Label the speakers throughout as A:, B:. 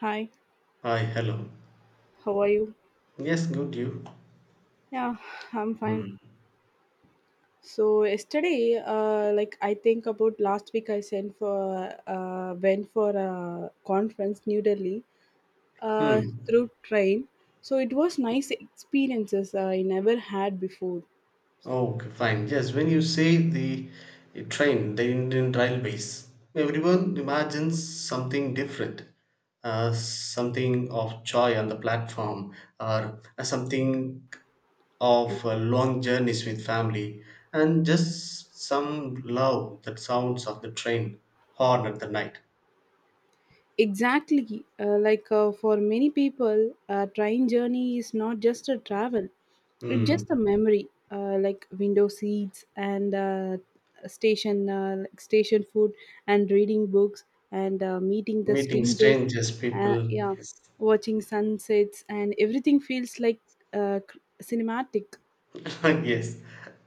A: Hi,
B: Hi, hello.
A: how are you?
B: Yes, good, you.
A: Yeah, I'm fine.
B: Mhm.
A: So yesterday, like I think about last week, I sent for went for a conference New Delhi uh,
B: Hmm.
A: through train. So it was nice experiences I never had before.
B: Okay, fine. Yes, when you say the train, the Indian Railways, everyone imagines something different, something of joy on the platform, or something of long journeys with family, and just some love that sounds of the train horn at the night.
A: Exactly. Like, for many people, a train journey is not just a travel, it's
B: Hmm.
A: just a memory, like window seats and station food and reading books and meeting the
B: Meeting
A: strangers.
B: strangers, people.
A: Yeah,
B: Yes.
A: watching sunsets and everything feels like cinematic.
B: Yes.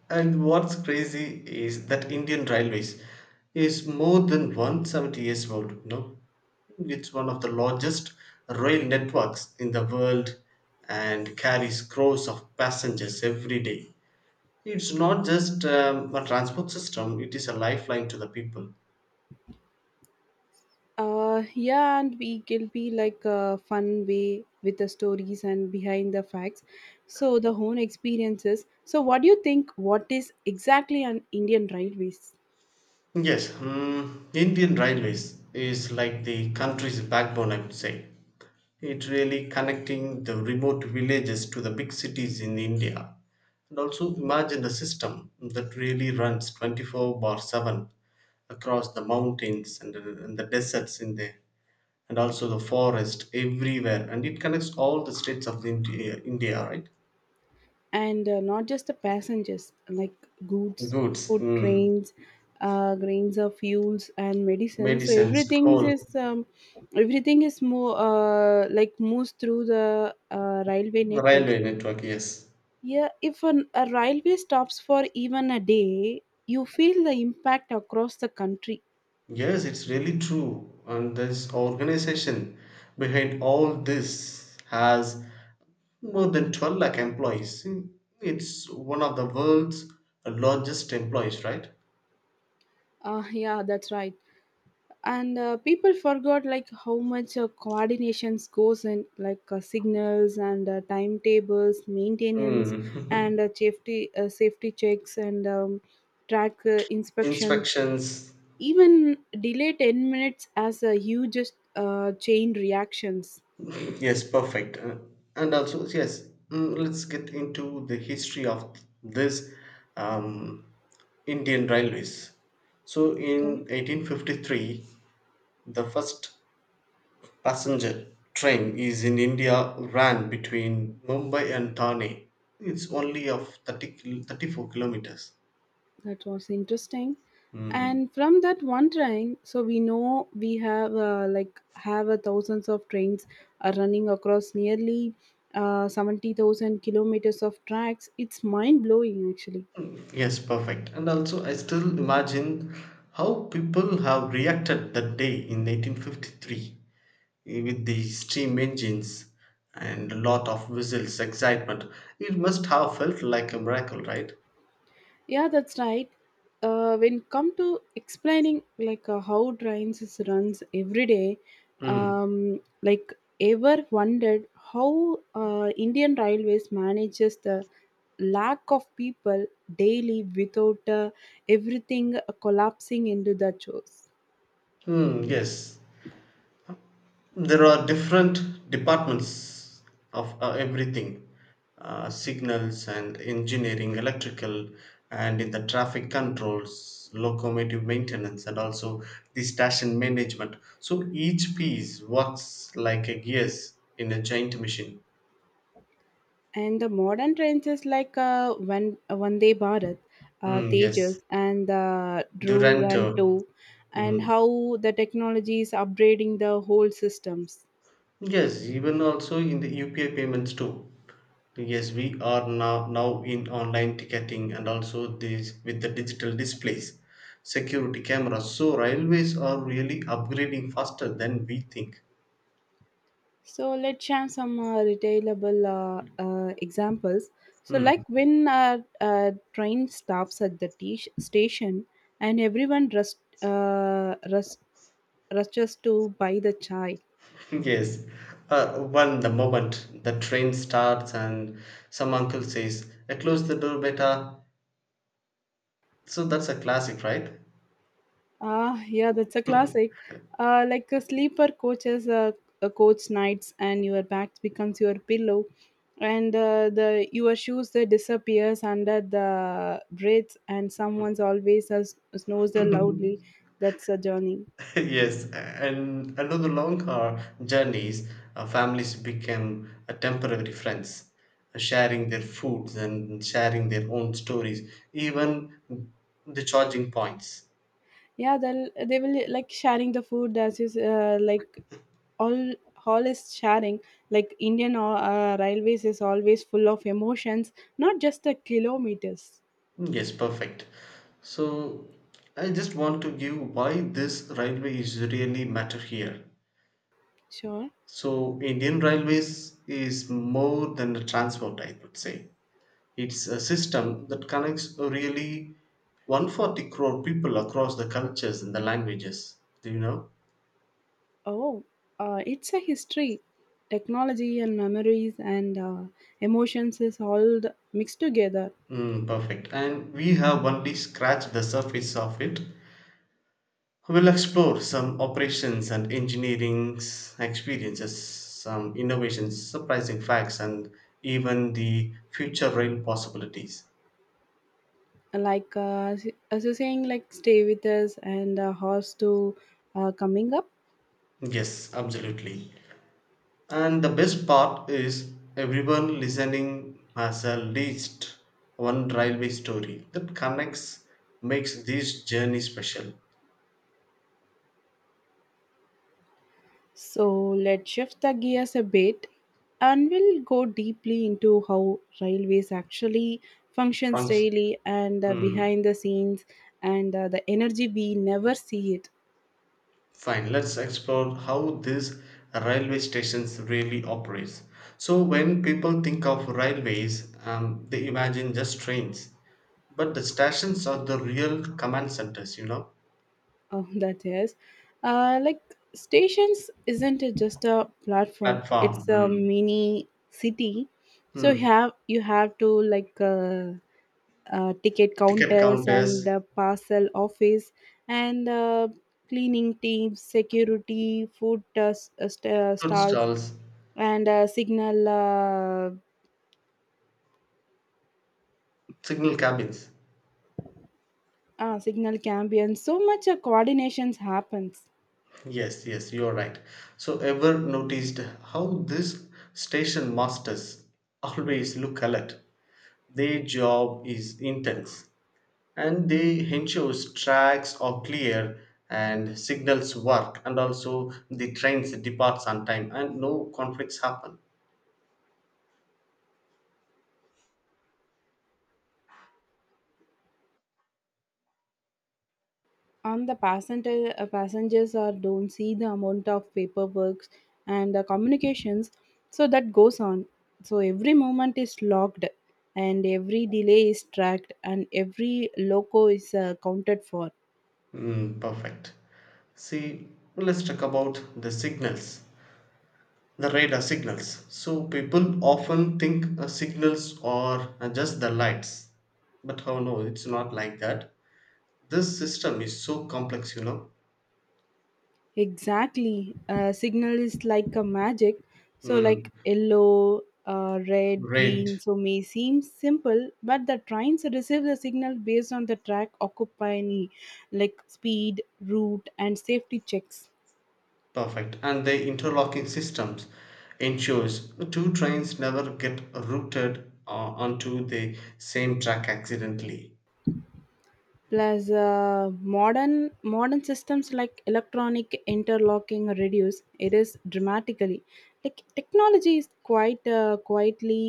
B: And what's crazy is that Indian Railways is more than 170 years old. No, it's one of the largest rail networks in the world and carries crores of passengers every day. It's not just a transport system, it is a lifeline to the people.
A: Yeah, and we it'll be like a fun way with the stories and behind the facts. So the whole experiences. So what do you think? What is exactly an Indian railways,
B: Yes, Indian Railways is like the country's backbone, I would say. It really connecting the remote villages to the big cities in India. And also imagine a system that really runs 24 bar 7 across the mountains and the deserts in there, and also the forest everywhere. And it connects all the states of India, right?
A: and not just the passengers, like goods,
B: Goods,
A: food, trains, grains of fuels and medicines. So
B: medicines,
A: everything
B: coal,
A: is um, everything is more like moves through the railway network.
B: railway network, yes.
A: Yeah, if a railway stops for even a day, you feel the impact across the country.
B: Yes, it's really true. And this organization behind all this has more than 12 lakh employees. It's one of the world's largest employees, right?
A: Yeah, that's right. And people forgot like how much coordinations goes in, like signals and timetables, maintenance,
B: Mm.
A: and safety checks and track inspections.
B: Inspections.
A: Even delay 10 minutes as a huge chain reactions.
B: Yes, perfect. And also, yes, let's get into the history of this um, Indian Railways. So,
A: Okay.
B: in 1853, the first passenger train is in India ran between Mumbai and Thane. It's only of 30, 34 kilometers.
A: That was interesting.
B: Mm.
A: And from that one train, so we know we have a thousands of trains are running across nearly 70,000 kilometers of tracks. It's mind blowing, actually.
B: Yes, perfect. And also, I still imagine how people have reacted that day in 1953 with the steam engines and a lot of whistles, excitement. It must have felt like a miracle, right?
A: Yeah, that's right. When come to explaining like how trains is runs every day,
B: Hmm.
A: like ever wondered how Indian Railways manages the lack of people daily without everything collapsing into the chores.
B: Hmm. Yes. There are different departments of everything, signals and engineering electrical and in the traffic controls, locomotive maintenance, and also the station management. So each piece works like a gears in a giant machine.
A: And the modern trends is like Vande Bharat,
B: Mm, yes,
A: Tejas, and Drew
B: duranto.
A: Run 2, and
B: Hmm.
A: how the technology is upgrading the whole systems.
B: Yes, even also in the UPI payments too. Yes, we are now in online ticketing and also this with the digital displays, security cameras. So railways are really upgrading faster than we think.
A: So let's share some retailable examples. So,
B: Hmm.
A: like when a train stops at the station and everyone uh, rush rushes to buy the chai.
B: Yes, one the moment the train starts and some uncle says, "I close the door, beta." So that's a classic, right?
A: Ah, yeah, that's a classic. Like a sleeper coach is a coach nights, and your back becomes your pillow, and the your shoes they disappears under the bridge, and someone's always snows there loudly. That's a journey.
B: Yes, and another long car journeys, families became temporary friends, sharing their foods and sharing their own stories, even the charging points.
A: Yeah, they will like sharing the food as is like all all is sharing like Indian railways is always full of emotions, not just the kilometers.
B: Yes, perfect. So I just want to give why this railway is really matter here.
A: Sure.
B: So Indian Railways is more than a transport, I would say. It's a system that connects really 140 crore people across the cultures and the languages. Do you know?
A: Oh, it's a history. Technology and memories and emotions is all the, mixed together.
B: Mm, perfect. And we have only scratched the surface of it. We'll explore some operations and engineering experiences, some innovations, surprising facts, and even the future rail possibilities.
A: Like as you're saying, like stay with us and horse to coming up.
B: Yes, absolutely. And the best part is everyone listening has at least one railway story that connects, makes this journey special.
A: So let's shift the gears a bit, and we'll go deeply into how railways actually functions
B: Function.
A: daily and
B: Hmm.
A: behind the scenes and the energy we never see it.
B: Fine, let's explore how these railway stations really operates. So when people think of railways, they imagine just trains, but the stations are the real command centers, you know.
A: Oh, that is. Like stations isn't it just a platform?
B: Platform,
A: It's a
B: hmm.
A: mini city. So you
B: Hmm.
A: have you have to like ticket
B: Ticket
A: counters
B: counters,
A: and parcel office and cleaning teams, security, food
B: food
A: stalls
B: stalls,
A: and uh, signal uh,
B: signal cabins.
A: uh, signal campaigns. So much coordinations happens.
B: Yes, yes, you're right. So, ever noticed how these station masters always look alert? Their job is intense and they ensure tracks are clear and signals work, and also the trains departs on time and no conflicts happen.
A: On the passengers are don't see the amount of paperwork and the communications so that goes on so every moment is logged and every delay is tracked and every loco is counted for.
B: Mm, perfect. See, let's talk about the signals, the radar signals. So people often think signals are just the lights, but oh no, it's not like that. This system is so complex, you know.
A: Exactly, signal is like a magic, so
B: Mm,
A: like yellow, red,
B: great,
A: green, so may seem simple, but the trains receive the signal based on the track occupying like speed route and safety checks.
B: perfect. And the interlocking systems ensures two trains never get routed onto the same track accidentally.
A: Plus modern modern systems like electronic interlocking reduce it is dramatically. Like technology is quite quietly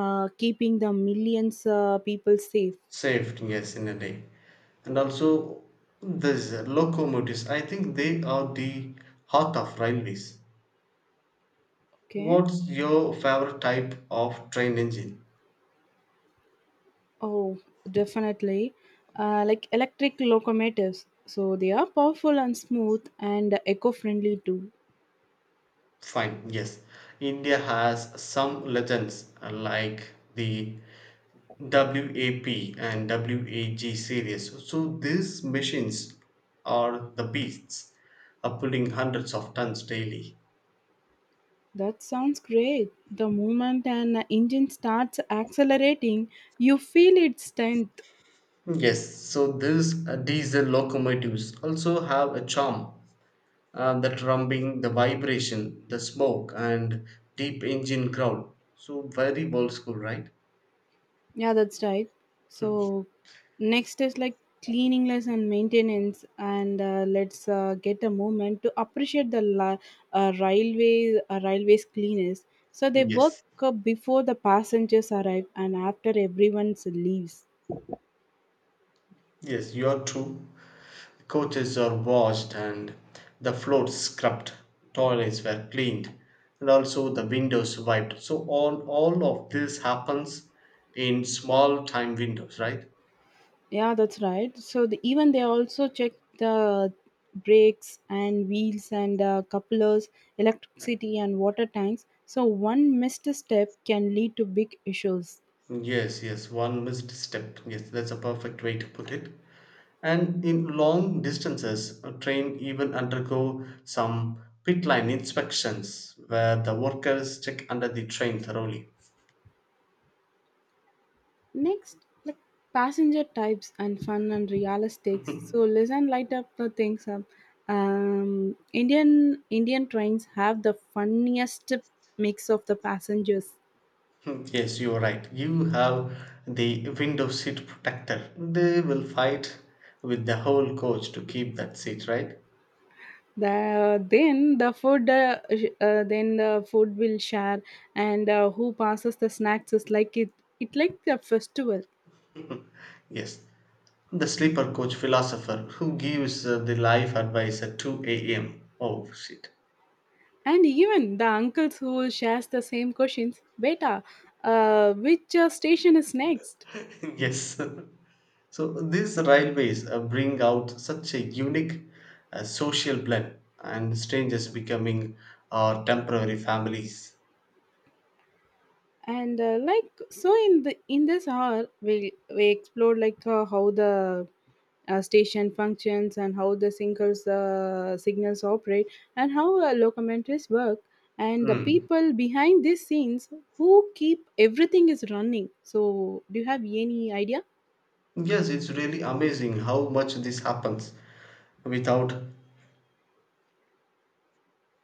A: keeping the millions people safe.
B: Saved, yes, in a day. And also, these locomotives, I think they are the heart of railways.
A: Okay.
B: What's your favorite type of train engine?
A: Oh, definitely like electric locomotives, so they are powerful and smooth and eco-friendly too.
B: Fine, yes. India has some legends like the WAP and WAG series. So these machines are the beasts, pulling hundreds of tons daily.
A: That sounds great. The moment an engine starts accelerating, you feel its strength.
B: Yes, so these diesel locomotives also have a charm. That rumbling, the vibration, the smoke, and deep engine growl. So very old school, right?
A: Yeah, that's right. So next is like cleaningless and maintenance, and let's get a moment to appreciate the railways cleaners. So they work
B: Yes.
A: before the passengers arrive and after everyone's leaves.
B: Yes, you are true. Coaches are washed and the floors scrubbed, toilets were cleaned, and also the windows wiped. So all of this happens in small time windows, right?
A: Yeah, that's right. So even they also check the brakes and wheels and couplers, electricity and water tanks. So one missed step can lead to big issues.
B: Yes, yes, one missed step. Yes, that's a perfect way to put it. And in long distances, a train even undergo some pit line inspections where the workers check under the train thoroughly.
A: Next, like passenger types and fun and realistics. So let's and light up the things up. Indian trains have the funniest mix of the passengers.
B: Hmm, yes, you're right. You have the window seat protector. They will fight with the whole coach to keep that seat, right?
A: Then the food will share, and who passes the snacks is like it like the festival.
B: Yes. The sleeper coach philosopher who gives the life advice at 2 a.m. Oh, shit.
A: And even the uncles who shares the same questions. Beta, which station is next?
B: Yes. So these railways bring out such a unique social blend and strangers becoming our temporary families.
A: And like so in the in this hour we explored like how the station functions and how the singles signals operate and how locomotors work and the
B: Hmm.
A: people behind these scenes who keep everything is running. So do you have any idea?
B: Yes, it's really amazing how much this happens without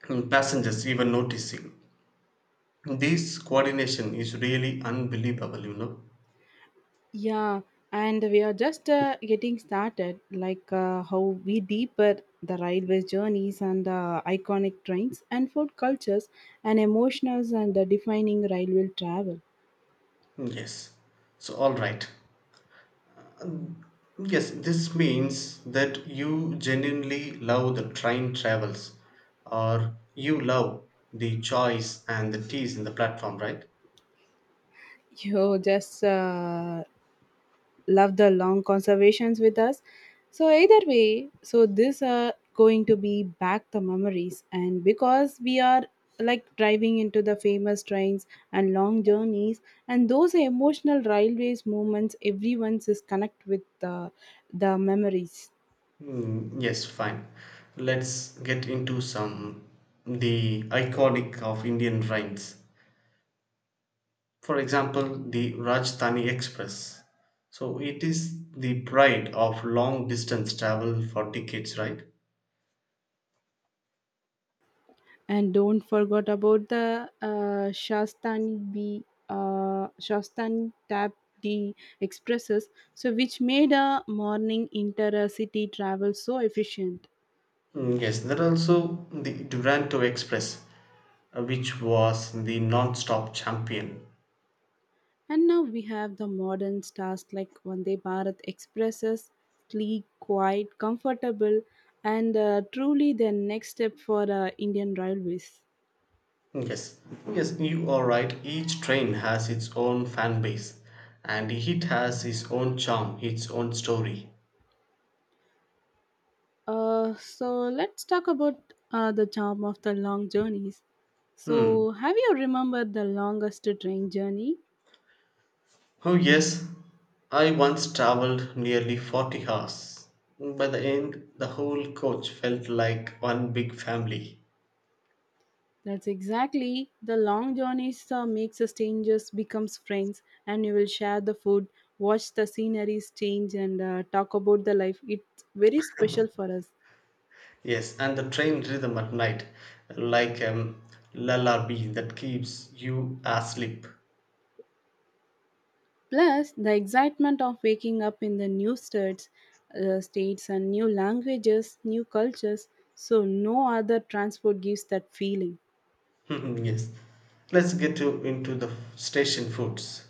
B: passengers even noticing. This coordination is really unbelievable, you know.
A: Yeah, and we are just getting started, like how we deeper the railway journeys and iconic trains and food cultures and emotionals and the defining railway travel.
B: Yes. So, all right. Yes, this means that you genuinely love the train travels or you love the choice and the teas in the platform, right?
A: You just love the long conversations with us, so either way so this are going to be back the memories, and because we are like driving into the famous trains and long journeys and those emotional railways moments everyone's is connect with the memories.
B: Mm, yes, fine. Let's get into some the iconic of Indian trains. For example, the Rajdhani Express. So it is the pride of long distance travel for decades, right?
A: And don't forget about the shastani tab d expresses, so which made a morning intercity travel so efficient.
B: Mm, yes, there are also the Duranto Express, which was the non stop champion.
A: And now we have the modern stars like Vande Bharat Expresses, sleek, quiet, comfortable, and truly the next step for Indian Railways.
B: Mm, yes, mm, yes, you are right. Each train has its own fan base, and it has its own charm, its own story.
A: So let's talk about the charm of the long journeys.
B: Hmm.
A: So, have you remembered the longest train journey?
B: Oh, yes, I once traveled nearly 40 hours. By the end, the whole coach felt like one big family.
A: That's exactly the long journeys makes us strangers becomes friends, and you will share the food, watch the sceneries change, and talk about the life. It's very special for us.
B: Yes, and the train rhythm at night, like a lullaby that keeps you asleep.
A: Plus, the excitement of waking up in the new states and new languages, new cultures, so no other transport gives that feeling.
B: Yes, let's get into the station foods.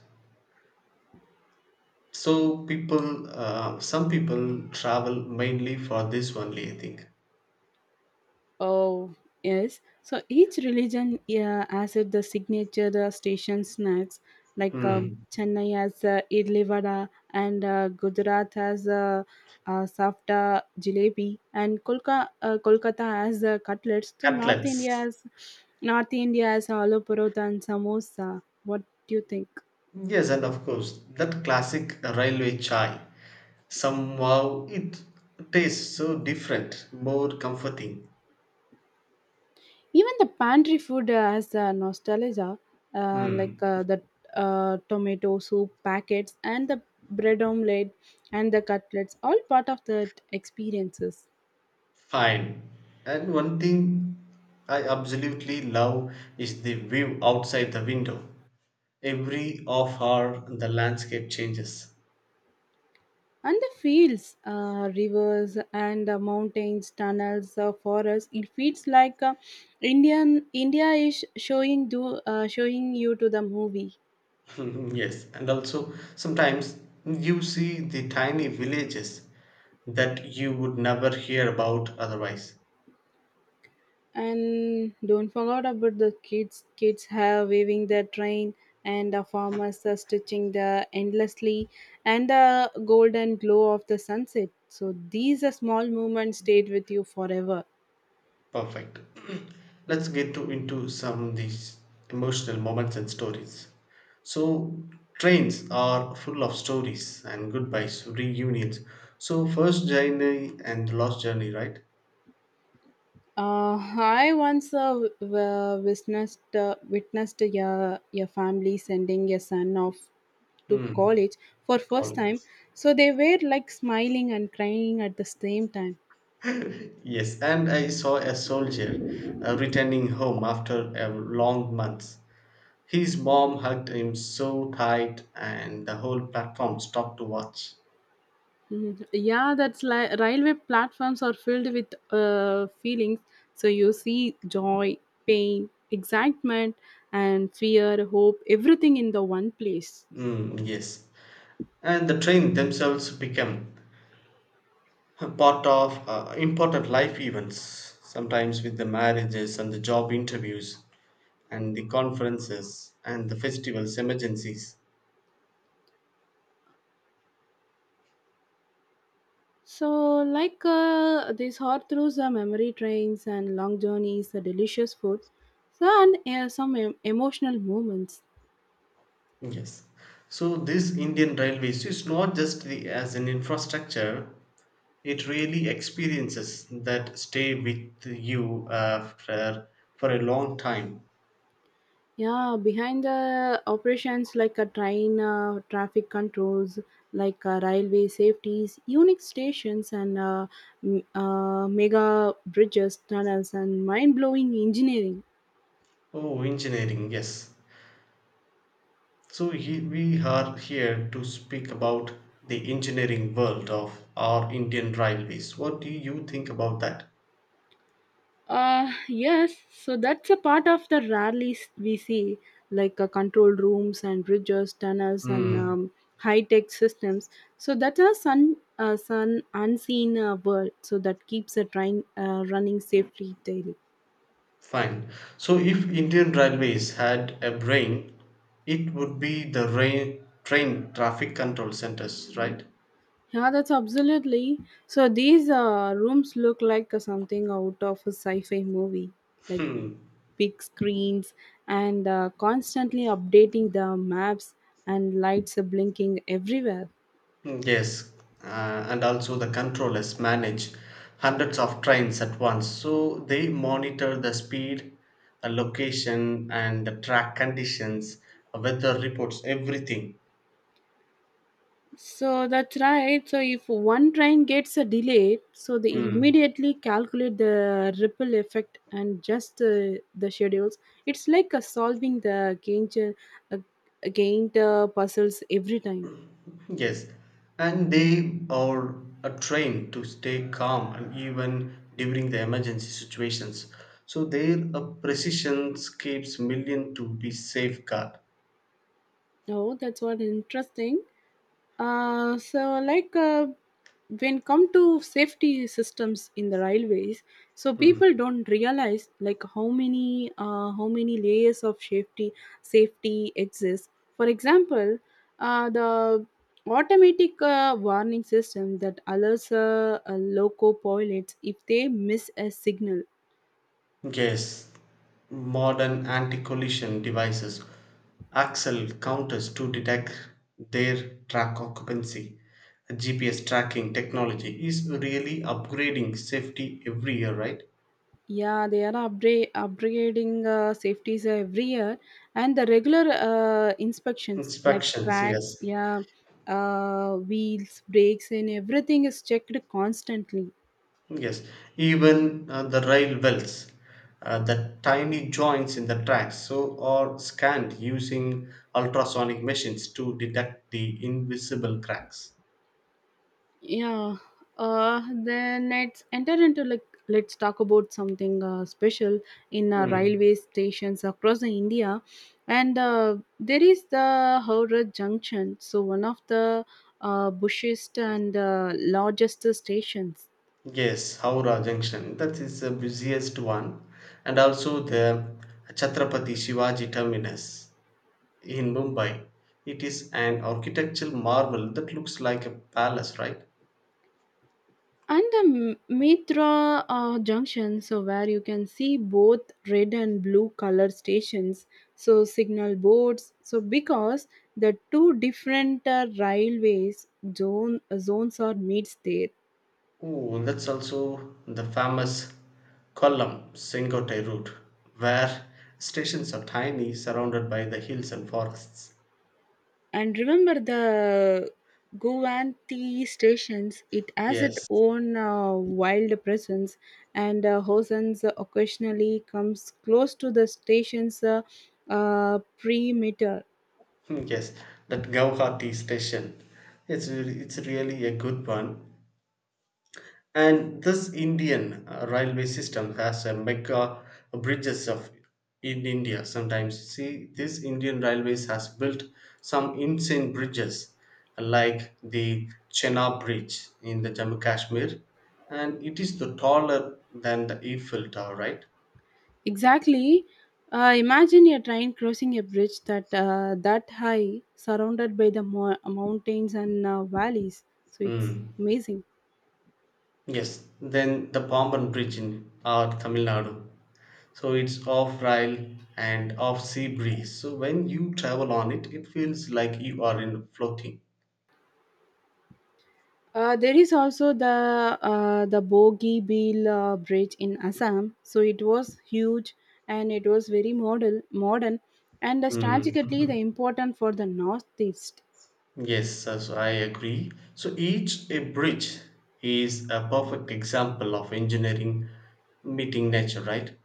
B: So, some people travel mainly for this only, I think.
A: Oh, yes. So each religion, yeah, has it the signature station snacks, like
B: Hmm.
A: Chennai has idli vada, and Gujarat has safta jalebi, and Kolkata has cutlets. So North
B: Cutlets.
A: India has aloo parota and samosa. What do you think?
B: Yes, and of course, that classic railway chai. Somehow it tastes so different, more comforting.
A: Even the pantry food has nostalgia, like
B: Hmm,
A: the tomato soup packets and the bread omelette and the cutlets, all part of the experiences.
B: fine. And one thing I absolutely love is the view outside the window. Every half hour, the landscape changes.
A: And the fields, rivers, and mountains, tunnels, forests. It feels like India is showing you to the movie.
B: Yes, and also sometimes you see the tiny villages that you would never hear about otherwise.
A: And don't forget about the kids. Kids have weaving their train, and the farmers are stitching the endlessly, and the golden glow of the sunset. So these are small movements stayed with you forever.
B: Perfect. Let's get to into some of these emotional moments and stories. So trains are full of stories and goodbyes, reunions. So first journey and last journey, right?
A: I once witnessed your family sending your son off to
B: Hmm.
A: college for first time.
B: Always.
A: So they were like smiling and crying at the same time.
B: Yes, and I saw a soldier returning home after a long months. His mom hugged him so tight, and the whole platform stopped to watch.
A: Mhm. Yeah, that's like railway platforms are filled with feelings. So you see joy, pain, excitement, and fear, hope, everything in the one place.
B: Mm, yes, and the train themselves become part of important life events, sometimes with the marriages and the job interviews and the conferences and the festivals, emergencies.
A: So, like these hot throughs are memory trains and long journeys, the delicious food, so, and emotional moments.
B: Yes. So this Indian Railways is not just as an infrastructure, it really experiences that stay with you for a long time.
A: Yeah, behind the operations like a train, traffic controls, like railway safeties, unique stations, and mega bridges, tunnels, and mind blowing engineering.
B: Oh, engineering, yes. So we are here to speak about the engineering world of our Indian railways. What do you think about that?
A: Yes, so that's a part of the rarely we see, like control rooms and bridges, tunnels, and
B: Hmm,
A: high tech systems. So that's a sun, sun unseen world, so that keeps a train running safely daily.
B: fine. So if Indian Railways had a brain, it would be the train traffic control centers, right?
A: Yeah, that's absolutely. So these rooms look like something out of a sci-fi movie, like
B: Hmm.
A: big screens and constantly updating the maps and lights are blinking everywhere.
B: Mm, yes, and also the controllers manage hundreds of trains at once, so they monitor the speed, location, and the track conditions, weather reports, everything.
A: So that's right. So if one train gets delayed, so they
B: Mm.
A: immediately calculate the ripple effect and just the schedules. It's like solving the gained uh, gained puzzles every time.
B: Yes, and they are trained to stay calm and even during the emergency situations. So their precision keeps million to be safeguard.
A: Oh, that's what interesting. So like when come to safety systems in the railways so
B: Mm.
A: people don't realize like how many layers of safety exist. For example, the automatic warning system that alerts loco pilots if they miss a signal.
B: Yes, modern anti collision devices, axle counters to detect their track occupancy, GPS tracking technology is really upgrading safety every year, right?
A: Yeah, they are upgrading safeties every year, and the regular inspections like
B: Inspections,
A: cracks,
B: yes.
A: yeah, wheels, brakes, and everything is checked constantly.
B: Yes, even the rail wells, the tiny joints in the tracks, so are scanned using ultrasonic machines to detect the invisible cracks.
A: Yeah. Then let's enter into like let's talk about something special in
B: Hmm.
A: railway stations across the India, and there is the Howrah Junction. So one of the busiest and largest stations.
B: Yes, Howrah Junction. That is the busiest one, and also the Chhatrapati Shivaji Terminus in Mumbai. It is an architectural marvel that looks like a palace, right?
A: And the Mitra junction, so where you can see both red and blue color stations, so signal boards. So because the two different railways zones are meets there.
B: Oh, that's also the famous Kollam Sengotai route, where stations are tiny, surrounded by the hills and forests.
A: And remember the Guwanti stations. It has its
B: Yes,
A: own wild presence, and Hosan's occasionally comes close to the station's perimeter.
B: yes, that Guwahati station. It's really a good one. And this Indian railway system has a mega bridges of in India sometimes. See, this Indian railways has built some insane bridges like the Chenab Bridge in the Jammu Kashmir, and it is the taller than the Eiffel Tower, right?
A: Exactly. Imagine a train crossing a bridge that high, surrounded by the mountains and valleys. So it's
B: Mm.
A: amazing.
B: Yes, then the Pamban Bridge in our Tamil Nadu. So it's off rail and off sea breeze. So when you travel on it, it feels like you are in floating.
A: There is also the Bogie Bill Bridge in Assam. So it was huge and it was very model modern and
B: Hmm.
A: strategically the important for the northeast.
B: Yes, so I agree. So each a bridge is a perfect example of engineering meeting nature, right?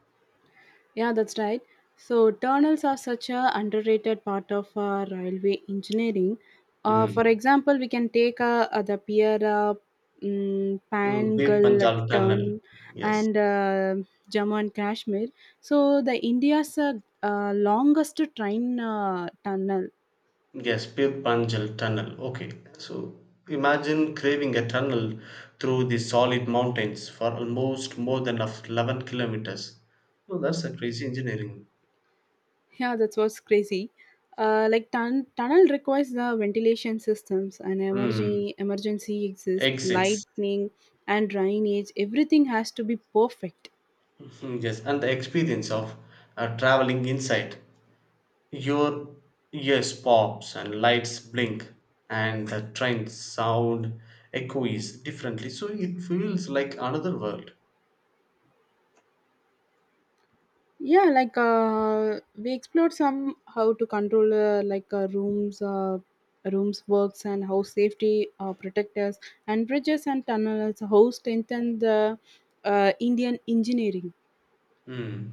A: Yeah, that's right. So tunnels are such a underrated part of railway engineering.
B: Mm.
A: For example, we can take the Pier
B: Mm.
A: Pangal
B: Panjal Tunnel.
A: turn
B: Yes.
A: and Jammu and Kashmir. So the India's longest train tunnel.
B: Yes, Pir Panjal Tunnel. Okay, so imagine craving a tunnel through the solid mountains for almost more than of 11 kilometers. So that's a crazy engineering.
A: Yeah, that's what's crazy. Like tunnel requires the ventilation systems and
B: Hmm.
A: emergency exists,
B: Exits.
A: lightning and drainage. Everything has to be perfect.
B: Hmm, yes, and the experience of traveling inside. Your ears pops and lights blink, and the train sound echoes differently. So it feels like another world.
A: Yeah, like we explored some how to control rooms works and how safety protectors and bridges and tunnels. How strengthen the Indian engineering.
B: Hmm.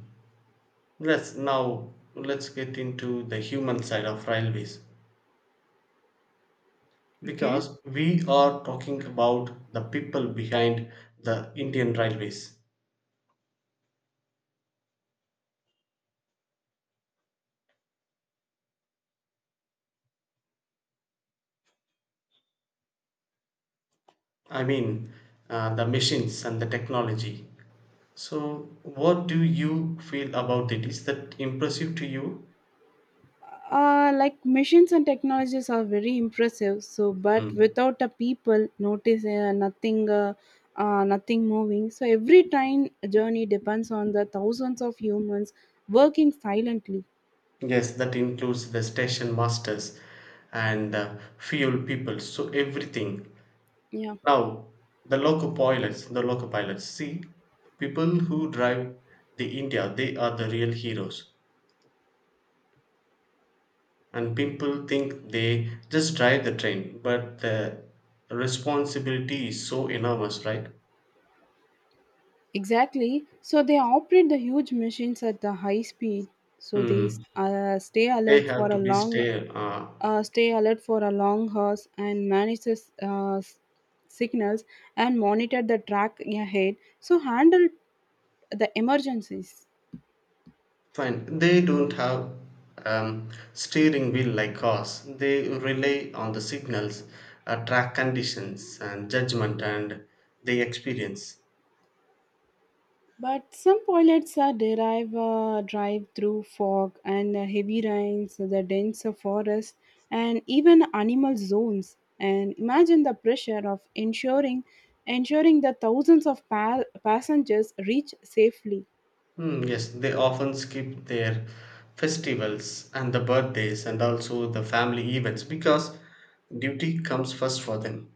B: Let's now let's get into the human side of railways
A: Okay.
B: because we are talking about the people behind the Indian railways. I mean, the machines and the technology. So, what do you feel about it? Is that impressive to you?
A: Like machines and technologies are very impressive, so but
B: Mm.
A: without a people notice nothing moving, so every train journey depends on the thousands of humans working silently.
B: Yes, that includes the station masters and fuel people. So everything.
A: Yeah,
B: Now, the loco pilots, see, people who drive the India, they are the real heroes. And people think they just drive the train, but the responsibility is so enormous, right?
A: exactly, so they operate the huge machines at the high speed, so they
B: Hmm.
A: stay
B: They
A: alert
B: have
A: for a
B: to be
A: long
B: stay.
A: horse and manage the signals and monitor the track ahead so handle the emergencies.
B: Fine. They don't have steering wheel like cars. They rely on the signals, track conditions, and judgment, and the experience.
A: But some pilots are derive drive through fog and heavy rains, the dense forest and even animal zones, and imagine the pressure of ensuring that thousands of passengers reach safely.
B: Hmm, yes, they often skip their festivals and the birthdays and also the family events because duty comes first for them.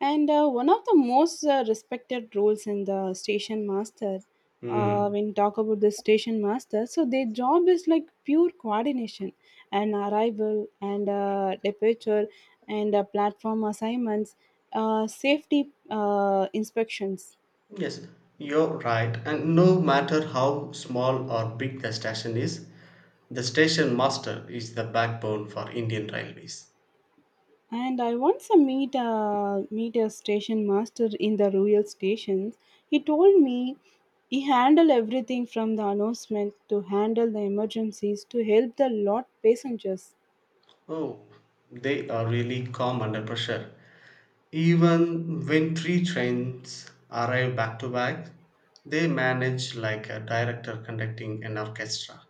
A: And one of the most respected roles in the station master.
B: Hmm.
A: When talk about the station master, so their job is like pure coordination and arrival and departure and platform assignments, safety inspections.
B: Yes, you're right. And no matter how small or big the station is, the station master is the backbone for Indian railways.
A: And I once meet a station master in the rural stations. He told me he handled everything from the announcement to handle the emergencies to help the lot passengers.
B: Oh, they are really calm under pressure. Even when three trains arrive back to back, they manage like a director conducting an orchestra.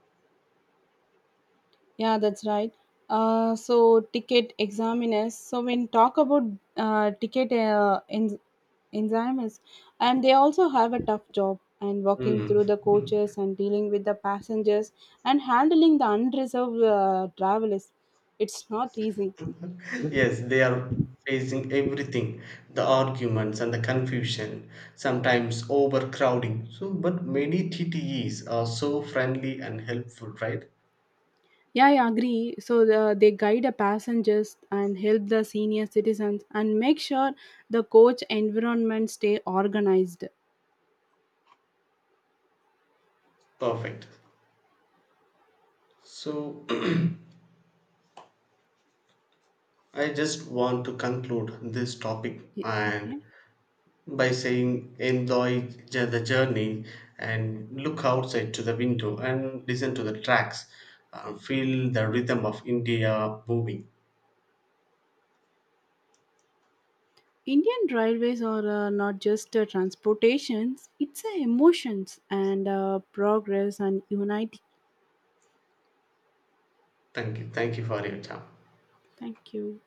A: Yeah, that's right. So ticket examiners. So when talk about ticket examiners, and they also have a tough job and walking
B: Mm.
A: through the coaches and dealing with the passengers and handling the unreserved travelers. It's not easy.
B: Yes, they are facing everything, the arguments and the confusion, sometimes overcrowding. So, but many TTEs are so friendly and helpful, right?
A: Yeah, I agree. So they guide the passengers and help the senior citizens and make sure the coach environment stay organized.
B: Perfect. So, I just want to conclude this topic and
A: Okay.
B: by saying enjoy the journey and look outside to the window and listen to the tracks, feel the rhythm of India booming.
A: Indian railways are not just transportations; it's emotions and progress and unity.
B: Thank you, for your time.
A: Thank you.